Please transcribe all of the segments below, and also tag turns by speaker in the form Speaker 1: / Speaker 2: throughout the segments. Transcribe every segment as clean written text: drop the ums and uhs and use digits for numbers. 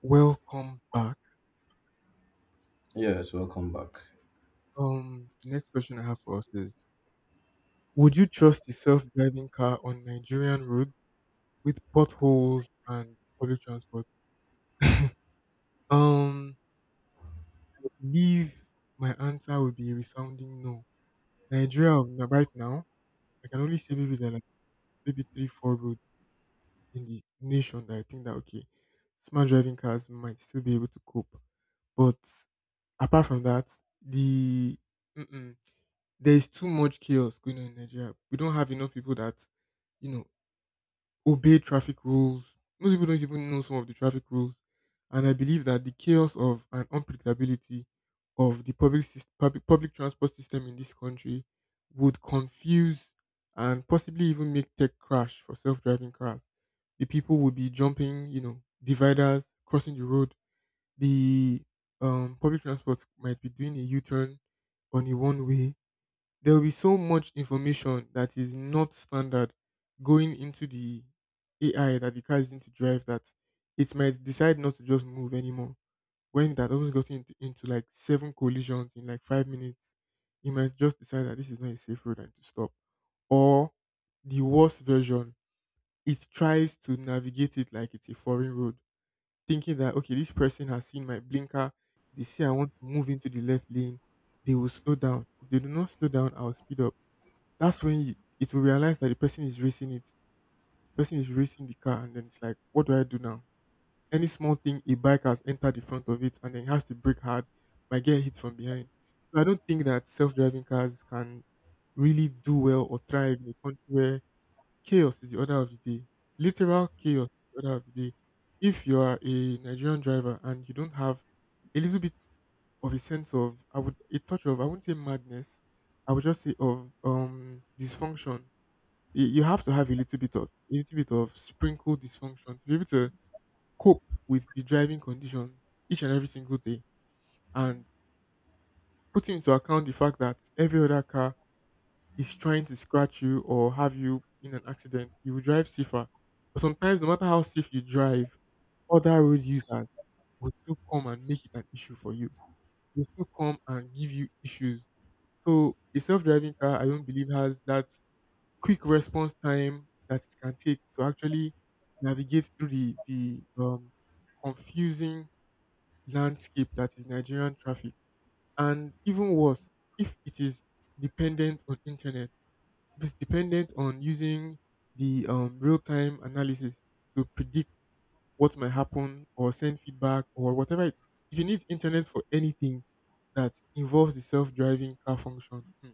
Speaker 1: Welcome back.
Speaker 2: Yes, welcome back.
Speaker 1: The next question I have for us is: would you trust a self-driving car on Nigerian roads with potholes and public transport? Um, I believe my answer would be a resounding no. Right now, I can only say maybe there are like maybe three, four roads in the nation that I think that okay, smart driving cars might still be able to cope. But apart from that, the mm-mm. there is too much chaos going on in Nigeria. We don't have enough people that, you know, obey traffic rules. Most people don't even know some of the traffic rules. And I believe that the chaos of and unpredictability of the public transport system in this country would confuse and possibly even make tech crash for self-driving cars. The people would be jumping dividers, crossing the road. The public transport might be doing a U-turn on a one-way. There will be so much information that is not standard going into the AI that the car is going to drive that it might decide not to just move anymore. When that almost got into like seven collisions in like 5 minutes, it might just decide that this is not a safe road and to stop. Or the worst version, it tries to navigate it like it's a foreign road, thinking that okay, this person has seen my blinker, they see I want to move into the left lane, they will slow down. If they do not slow down, I'll speed up. that's when you, it will realize that the person is racing it. The person is racing the car, and then it's like, what do I do now? Any small thing, a bike has entered the front of it, and then it has to brake hard, might get hit from behind. So I don't think that self-driving cars can really do well or thrive in a country where chaos is the order of the day. Literal chaos is the order of the day. If you are a Nigerian driver and you don't have a little bit of a sense of, I would a touch of, I wouldn't say madness, I would just say of dysfunction. You have to have a little bit of a little bit of sprinkle dysfunction to be able to cope with the driving conditions each and every single day, and putting into account the fact that every other car is trying to scratch you or have you in an accident, you will drive safer. But sometimes, no matter how safe you drive, other road users will still come and make it an issue for you, will still come and give you issues. So a self-driving car, I don't believe has that quick response time that it can take to actually navigate through the confusing landscape that is Nigerian traffic. And even worse, if it is dependent on internet, if it's dependent on using the real time analysis to predict what might happen or send feedback or whatever. If you need internet for anything that involves the self driving car function,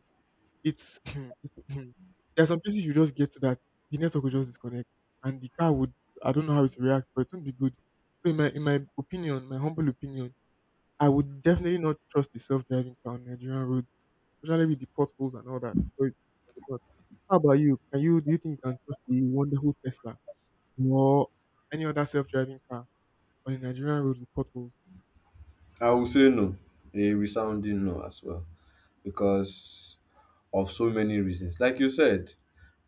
Speaker 1: it's it's there are some places you just get to that the network will just disconnect, and the car would. I don't know how it will react, but it won't be good. So in my opinion, my humble opinion, I would definitely not trust a self driving car on Nigerian roads, especially with the potholes and all that. So I would not. How about you? Can you Do you think you can trust the wonderful Tesla or any other self driving car on a Nigerian road with potholes?
Speaker 2: I will say no, a resounding no as well, because of so many reasons. Like you said,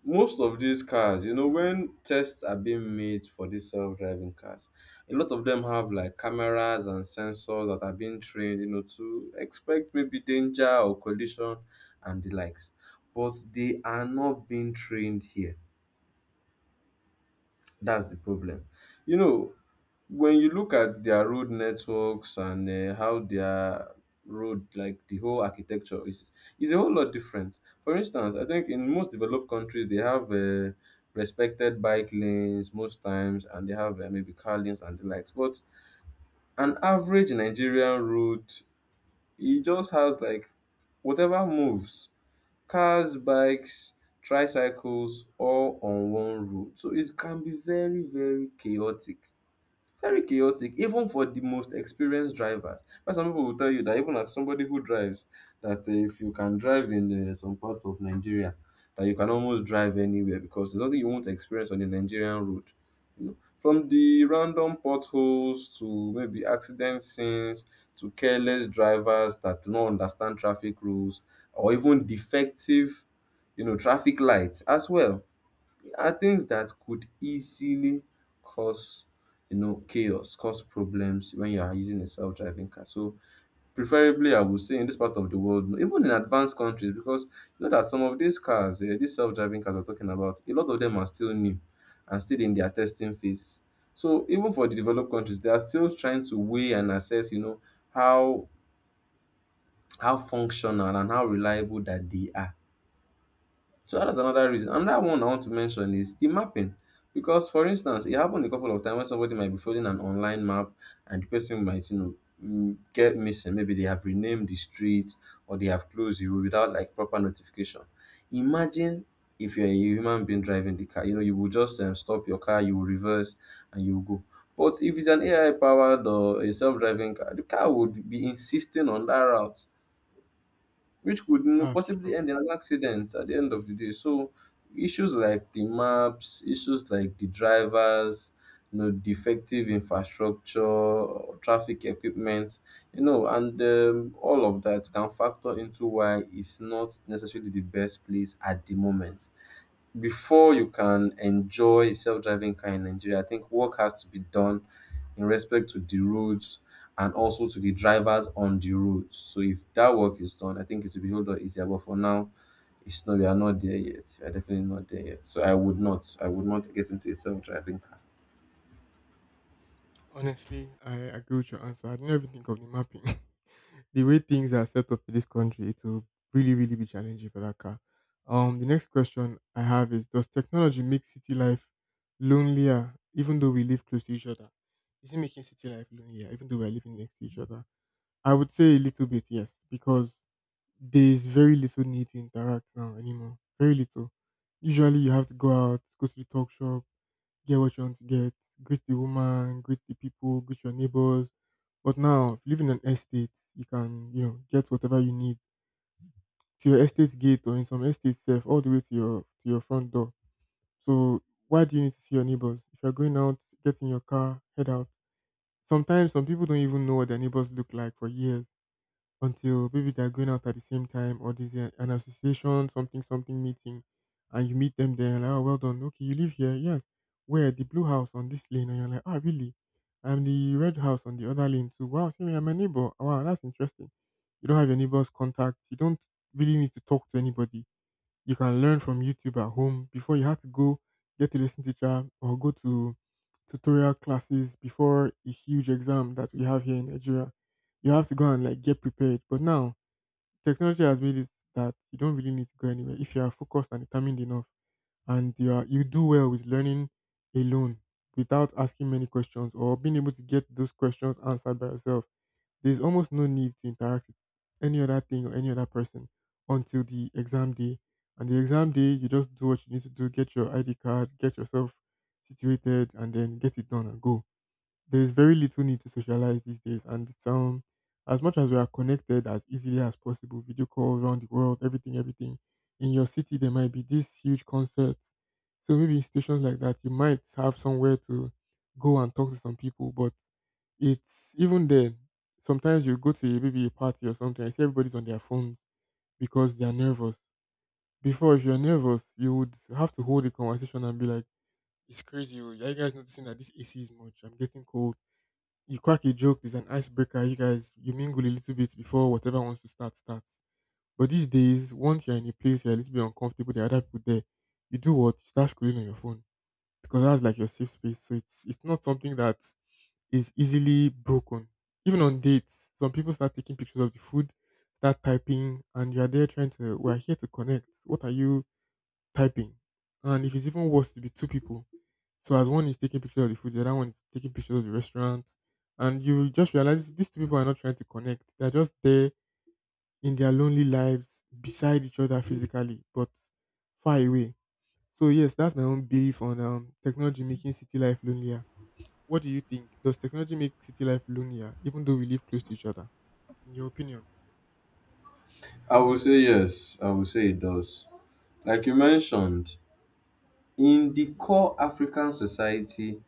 Speaker 2: most of these cars, you know, when tests are being made for these self driving cars, a lot of them have like cameras and sensors that are being trained, you know, to expect maybe danger or collision and the likes. But they are not being trained here. That's the problem. You know, when you look at their road networks and how their road, like the whole architecture is a whole lot different. For instance, I think in most developed countries, they have respected bike lanes most times, and they have maybe car lanes and the likes. But an average Nigerian road, it just has like whatever moves, cars, bikes, tricycles, all on one road, so it can be very, very chaotic, very chaotic, even for the most experienced drivers. But some people will tell you that even as somebody who drives, that if you can drive in some parts of Nigeria, that you can almost drive anywhere, because there's nothing you won't experience on the Nigerian road. You know, from the random potholes to maybe accident scenes, to careless drivers that do not understand traffic rules, or even defective, you know, traffic lights as well, are things that could easily cause, you know, chaos, cause problems when you are using a self-driving car. So preferably, I would say in this part of the world, even in advanced countries, because you know that some of these cars, these self-driving cars we're talking about, a lot of them are still new and still in their testing phases. So even for the developed countries, they are still trying to weigh and assess, you know, how how functional and how reliable that they are. So that's another reason. Another one I want to mention is the mapping. Because for instance, it happened a couple of times when somebody might be following an online map and the person might, you know, get missing. Maybe they have renamed the street or they have closed you without like proper notification. Imagine if you're a human being driving the car, you know, you will just stop your car, you will reverse and you will go. But if it's an AI powered or a self driving car, the car would be insisting on that route, which could
Speaker 1: Ah, sure.
Speaker 2: possibly end in an accident at the end of the day. So issues like the maps, issues like the drivers, you know, defective infrastructure, traffic equipment, you know, and all of that can factor into why it's not necessarily the best place at the moment. Before you can enjoy a self-driving car in Nigeria, I think work has to be done in respect to the roads, and also to the drivers on the roads. So if that work is done, I think it will be a whole lot easier. But for now, it's not, we are not there yet. We are definitely not there yet. So I would not. I would not get into a self-driving car.
Speaker 1: Honestly, I agree with your answer. I didn't even think of the mapping. The way things are set up in this country, it will really, really be challenging for that car. The next question I have is: does technology make city life lonelier, even though we live close to each other? Is it making city life lonelier, even though we are living next to each other? I would say a little bit, yes, because there is very little need to interact now anymore. Very little. Usually, you have to go out, go to the talk shop, get what you want to get, greet the woman, greet the people, greet your neighbors. But now, if you live in an estate, you can get whatever you need to your estate gate, or in some estate self, all the way to your front door. So why do you need to see your neighbors? If you're going out, get in your car, head out. Sometimes some people don't even know what their neighbors look like for years, until maybe they're going out at the same time, or there's an association something something meeting, and you meet them there, and like, oh, well done, okay, you live here, yes, where, the blue house on this lane, and you're like, ah, really? And the red house on the other lane too, wow, see, I'm a neighbor, wow, that's interesting. You don't have your neighbor's contact, you don't really need to talk to anybody. You can learn from YouTube at home. Before, you had to go get a lesson teacher or go to tutorial classes before a huge exam that we have here in Nigeria. You have to go and like get prepared. But now technology has made it that you don't really need to go anywhere if you are focused and determined enough, and you do well with learning alone, without asking many questions or being able to get those questions answered by yourself. There's almost no need to interact with any other thing or any other person until the exam day. And the exam day, you just do what you need to do, get your ID card, get yourself situated, and then get it done and go. There's very little need to socialize these days. And it's, as much as we are connected as easily as possible, video calls around the world, everything, everything. In your city, there might be these huge concerts. So maybe in situations like that, you might have somewhere to go and talk to some people. But it's even then, sometimes you go to a, maybe a party or something, I see everybody's on their phones because they are nervous. Before, if you're nervous, you would have to hold a conversation and be like, it's crazy. Oh, are you guys noticing that this AC is much? I'm getting cold. You crack a joke, there's an icebreaker. You guys, you mingle a little bit before whatever wants to start, starts. But these days, once you're in a place you're a little bit uncomfortable, there are other people there. You do what? You start scrolling on your phone, because that's like your safe space. So it's not something that is easily broken. Even on dates, some people start taking pictures of the food, start typing, and you're there trying to. We're here to connect. What are you? Typing. And if it's even worse to be two people. So as one is taking pictures of the food, the other one is taking pictures of the restaurant. And you just realize these two people are not trying to connect. They're just there in their lonely lives, beside each other physically, but far away. So yes, that's my own belief on technology making city life lonelier. What do you think? Does technology make city life lonelier, even though we live close to each other? In your opinion?
Speaker 2: I would say yes. I would say it does. Like you mentioned, in the core African society,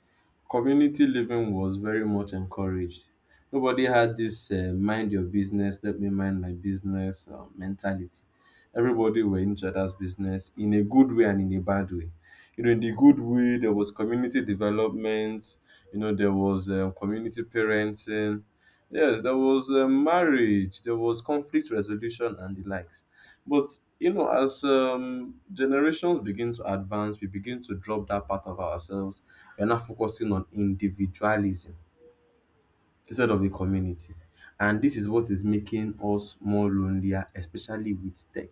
Speaker 2: community living was very much encouraged. Nobody had this mind your business, let me mind my business mentality. Everybody were in each other's business in a good way and in a bad way. You know, in the good way, there was community development, you know, there was community parenting. Yes, there was marriage, there was conflict resolution and the likes. But, you know, as generations begin to advance, we begin to drop that part of ourselves. You're now focusing on individualism instead of the community. And this is what is making us more lonelier, especially with tech.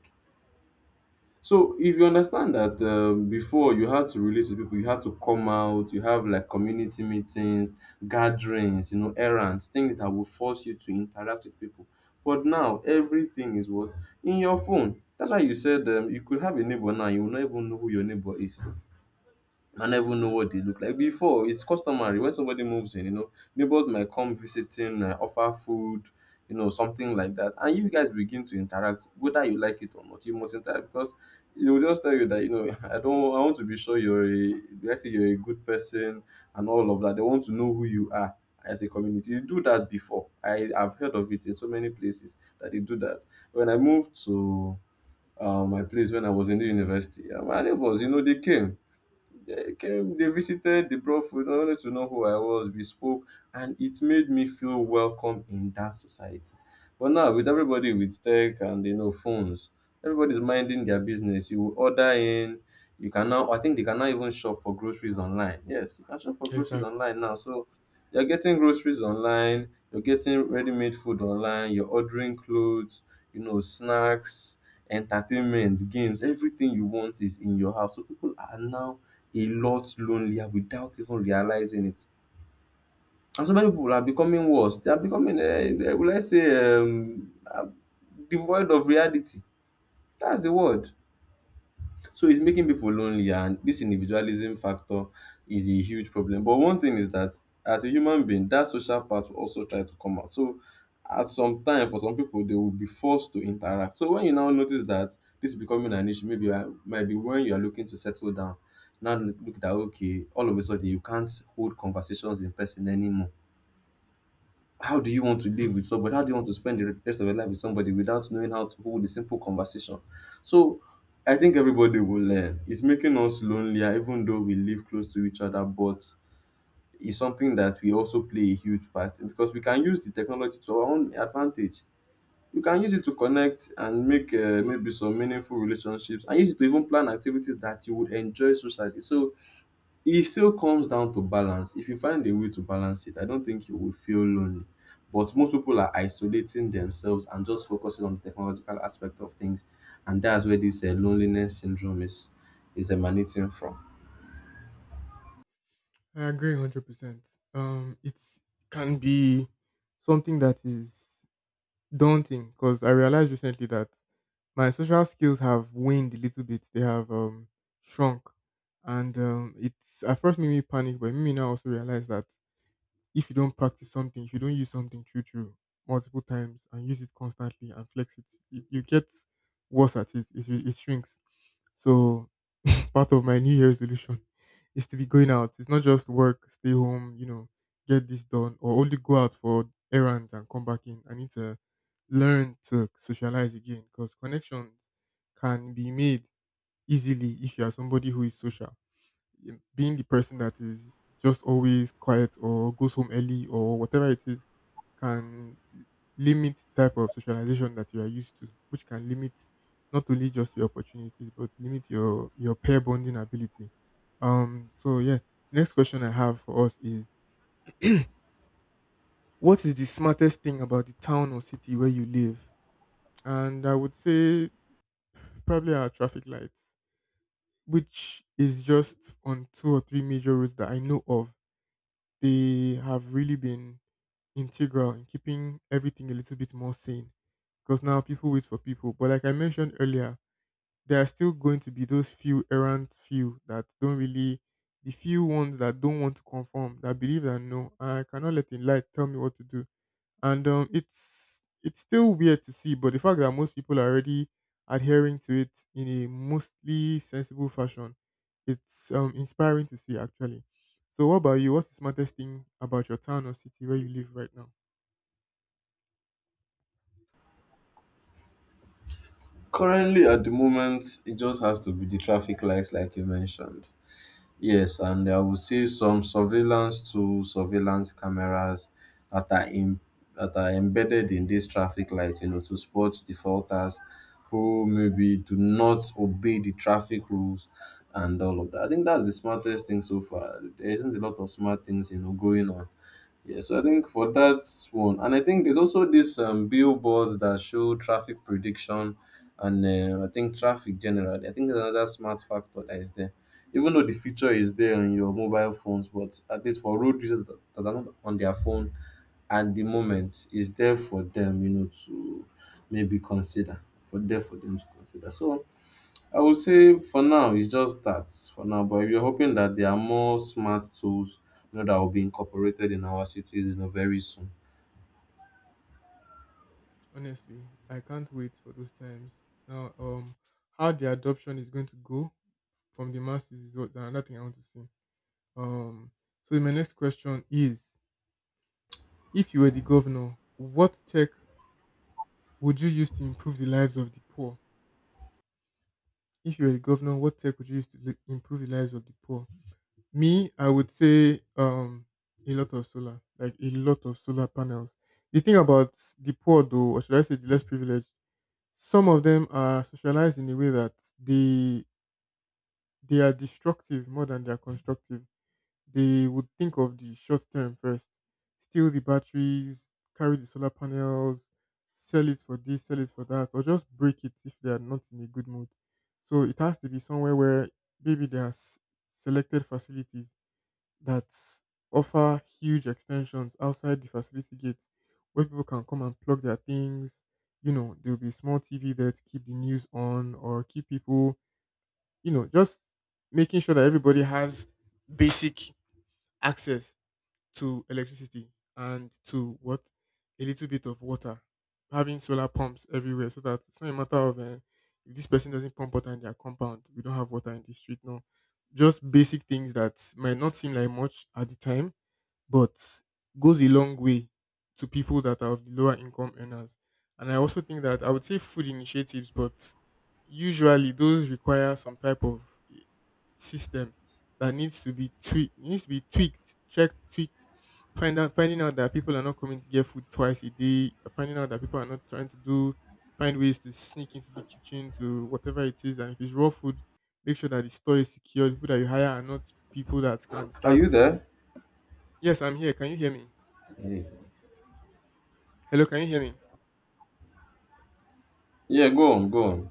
Speaker 2: So if you understand that, before you had to relate to people, you had to come out, you have like community meetings, gatherings, you know, errands, things that will force you to interact with people. But now everything is what, in your phone. That's why you said, you could have a neighbor now, you will not even know who your neighbor is. I never know what they look like. Before, it's customary when somebody moves in, you know, neighbors might come visiting, offer food, you know, something like that. And you guys begin to interact, whether you like it or not. You must interact, because it will just tell you that, you know, I don't, I want to be sure you're a, let's say you're a good person and all of that. They want to know who you are as a community. They do that before. I have heard of it in so many places that they do that. When I moved to my place when I was in the university, my neighbors, you know, they came, they came, they visited, they brought food, they wanted to know who I was, we spoke, and it made me feel welcome in that society. But now, with everybody, with tech and you know phones, everybody's minding their business. You will order in, you can now, I think they can now even shop for groceries online. Yes, you can shop for groceries
Speaker 1: Exactly.
Speaker 2: online now. So you're getting groceries online, you're getting ready-made food online, you're ordering clothes, you know, snacks, entertainment, games, everything you want is in your house. So people are now a lot lonelier without even realizing it. And so many people are becoming worse. They are becoming, devoid of reality. That's the word. So it's making people lonely, and this individualism factor is a huge problem. But one thing is that as a human being, that social part will also try to come out. So at some time, for some people, they will be forced to interact. So when you now notice that this is becoming an issue, maybe might be when you are looking to settle down. Now look that okay, all of a sudden you can't hold conversations in person anymore. How do you want to live with somebody? How do you want to spend the rest of your life with somebody without knowing how to hold a simple conversation? So I think everybody will learn. It's making us lonelier, even though we live close to each other, but it's something that we also play a huge part in, because we can use the technology to our own advantage. We can use it to connect and make maybe some meaningful relationships, and use it to even plan activities that you would enjoy socially. So it still comes down to balance. If you find a way to balance it, I don't think you will feel lonely, but most people are isolating themselves and just focusing on the technological aspect of things, and that's where this loneliness syndrome is emanating from.
Speaker 1: I agree 100%. It can be something that is daunting, because I realized recently that my social skills have waned a little bit. They have shrunk. And it's at first made me panic, but made me now also realize that if you don't practice something, if you don't use something true, true, multiple times and use it constantly and flex it, you get worse at it. It shrinks. So part of my New Year resolution is to be going out. It's not just work, stay home, get this done, or only go out for errands and come back in. I need to learn to socialize again, because connections can be made easily if you are somebody who is social. Being the person that is just always quiet or goes home early or whatever it is can limit the type of socialization that you are used to, which can limit not only just your opportunities but limit your pair bonding ability. So yeah, the next question I have for us is, what is the smartest thing about the town or city where you live? And I would say probably our traffic lights, which is just on two or three major roads that I know of. They have really been integral in keeping everything a little bit more sane, because now people wait for people. But like I mentioned earlier, there are still going to be those few errant few that don't really, the few ones that don't want to conform, that believe that no, I cannot let the light tell me what to do. And it's still weird to see, but the fact that most people are already adhering to it in a mostly sensible fashion, it's inspiring to see actually. So, what about you? What's the smartest thing about your town or city where you live right now?
Speaker 2: Currently, at the moment, it just has to be the traffic lights, like you mentioned. Yes, and I would say some surveillance cameras that are in that are embedded in this traffic light, you know, to spot defaulters who maybe do not obey the traffic rules and all of that. I think that's the smartest thing so far. There isn't a lot of smart things, you know, going on. Yeah, so I think for that one, and I think there's also this billboards that show traffic prediction, and I think traffic generally. I think there's another smart factor that is there, even though the feature is there on your mobile phones, but at least for road users that are not on their phone, at the moment is there for them, you know, to maybe consider, for them to consider. So I would say for now it's just that for now, but we're hoping that there are more smart tools, you know, that will be incorporated in our cities, you know, very soon.
Speaker 1: Honestly, I can't wait for those times. Now, how the adoption is going to go from the masses is what another thing I want to see. Um, so my next question is: if you were the governor, what tech would you use to improve the lives of the poor? If you were a governor, what tech would you use to improve the lives of the poor? Me, I would say a lot of solar, like a lot of solar panels. The thing about the poor, though, or should I say the less privileged, some of them are socialized in a way that they are destructive more than they are constructive. They would think of the short term first, steal the batteries, carry the solar panels, sell it for this, sell it for that, or just break it if they are not in a good mood. So it has to be somewhere where maybe there are selected facilities that offer huge extensions outside the facility gates, where people can come and plug their things. You know, there will be a small TV there to keep the news on, or keep people, you know, just making sure that everybody has basic access to electricity, and to what, a little bit of water. Having solar pumps everywhere, so that it's not a matter of if this person doesn't pump water in their compound, we don't have water in the street. No, just basic things that might not seem like much at the time, but goes a long way to people that are of the lower income earners. And I also think that I would say food initiatives, but usually those require some type of system that needs to be tweaked, needs to be tweaked, checked, tweaked. Finding out that people are not coming to get food twice a day, finding out that people are not trying to do, find ways to sneak into the kitchen to whatever it is. And if it's raw food, make sure that the store is secure. The people that you hire are not people that can
Speaker 2: Are
Speaker 1: start.
Speaker 2: you there?
Speaker 1: Yes, I'm here. Can you hear me?
Speaker 2: Yeah.
Speaker 1: Hello, can you hear me?
Speaker 2: Yeah, go on, go on.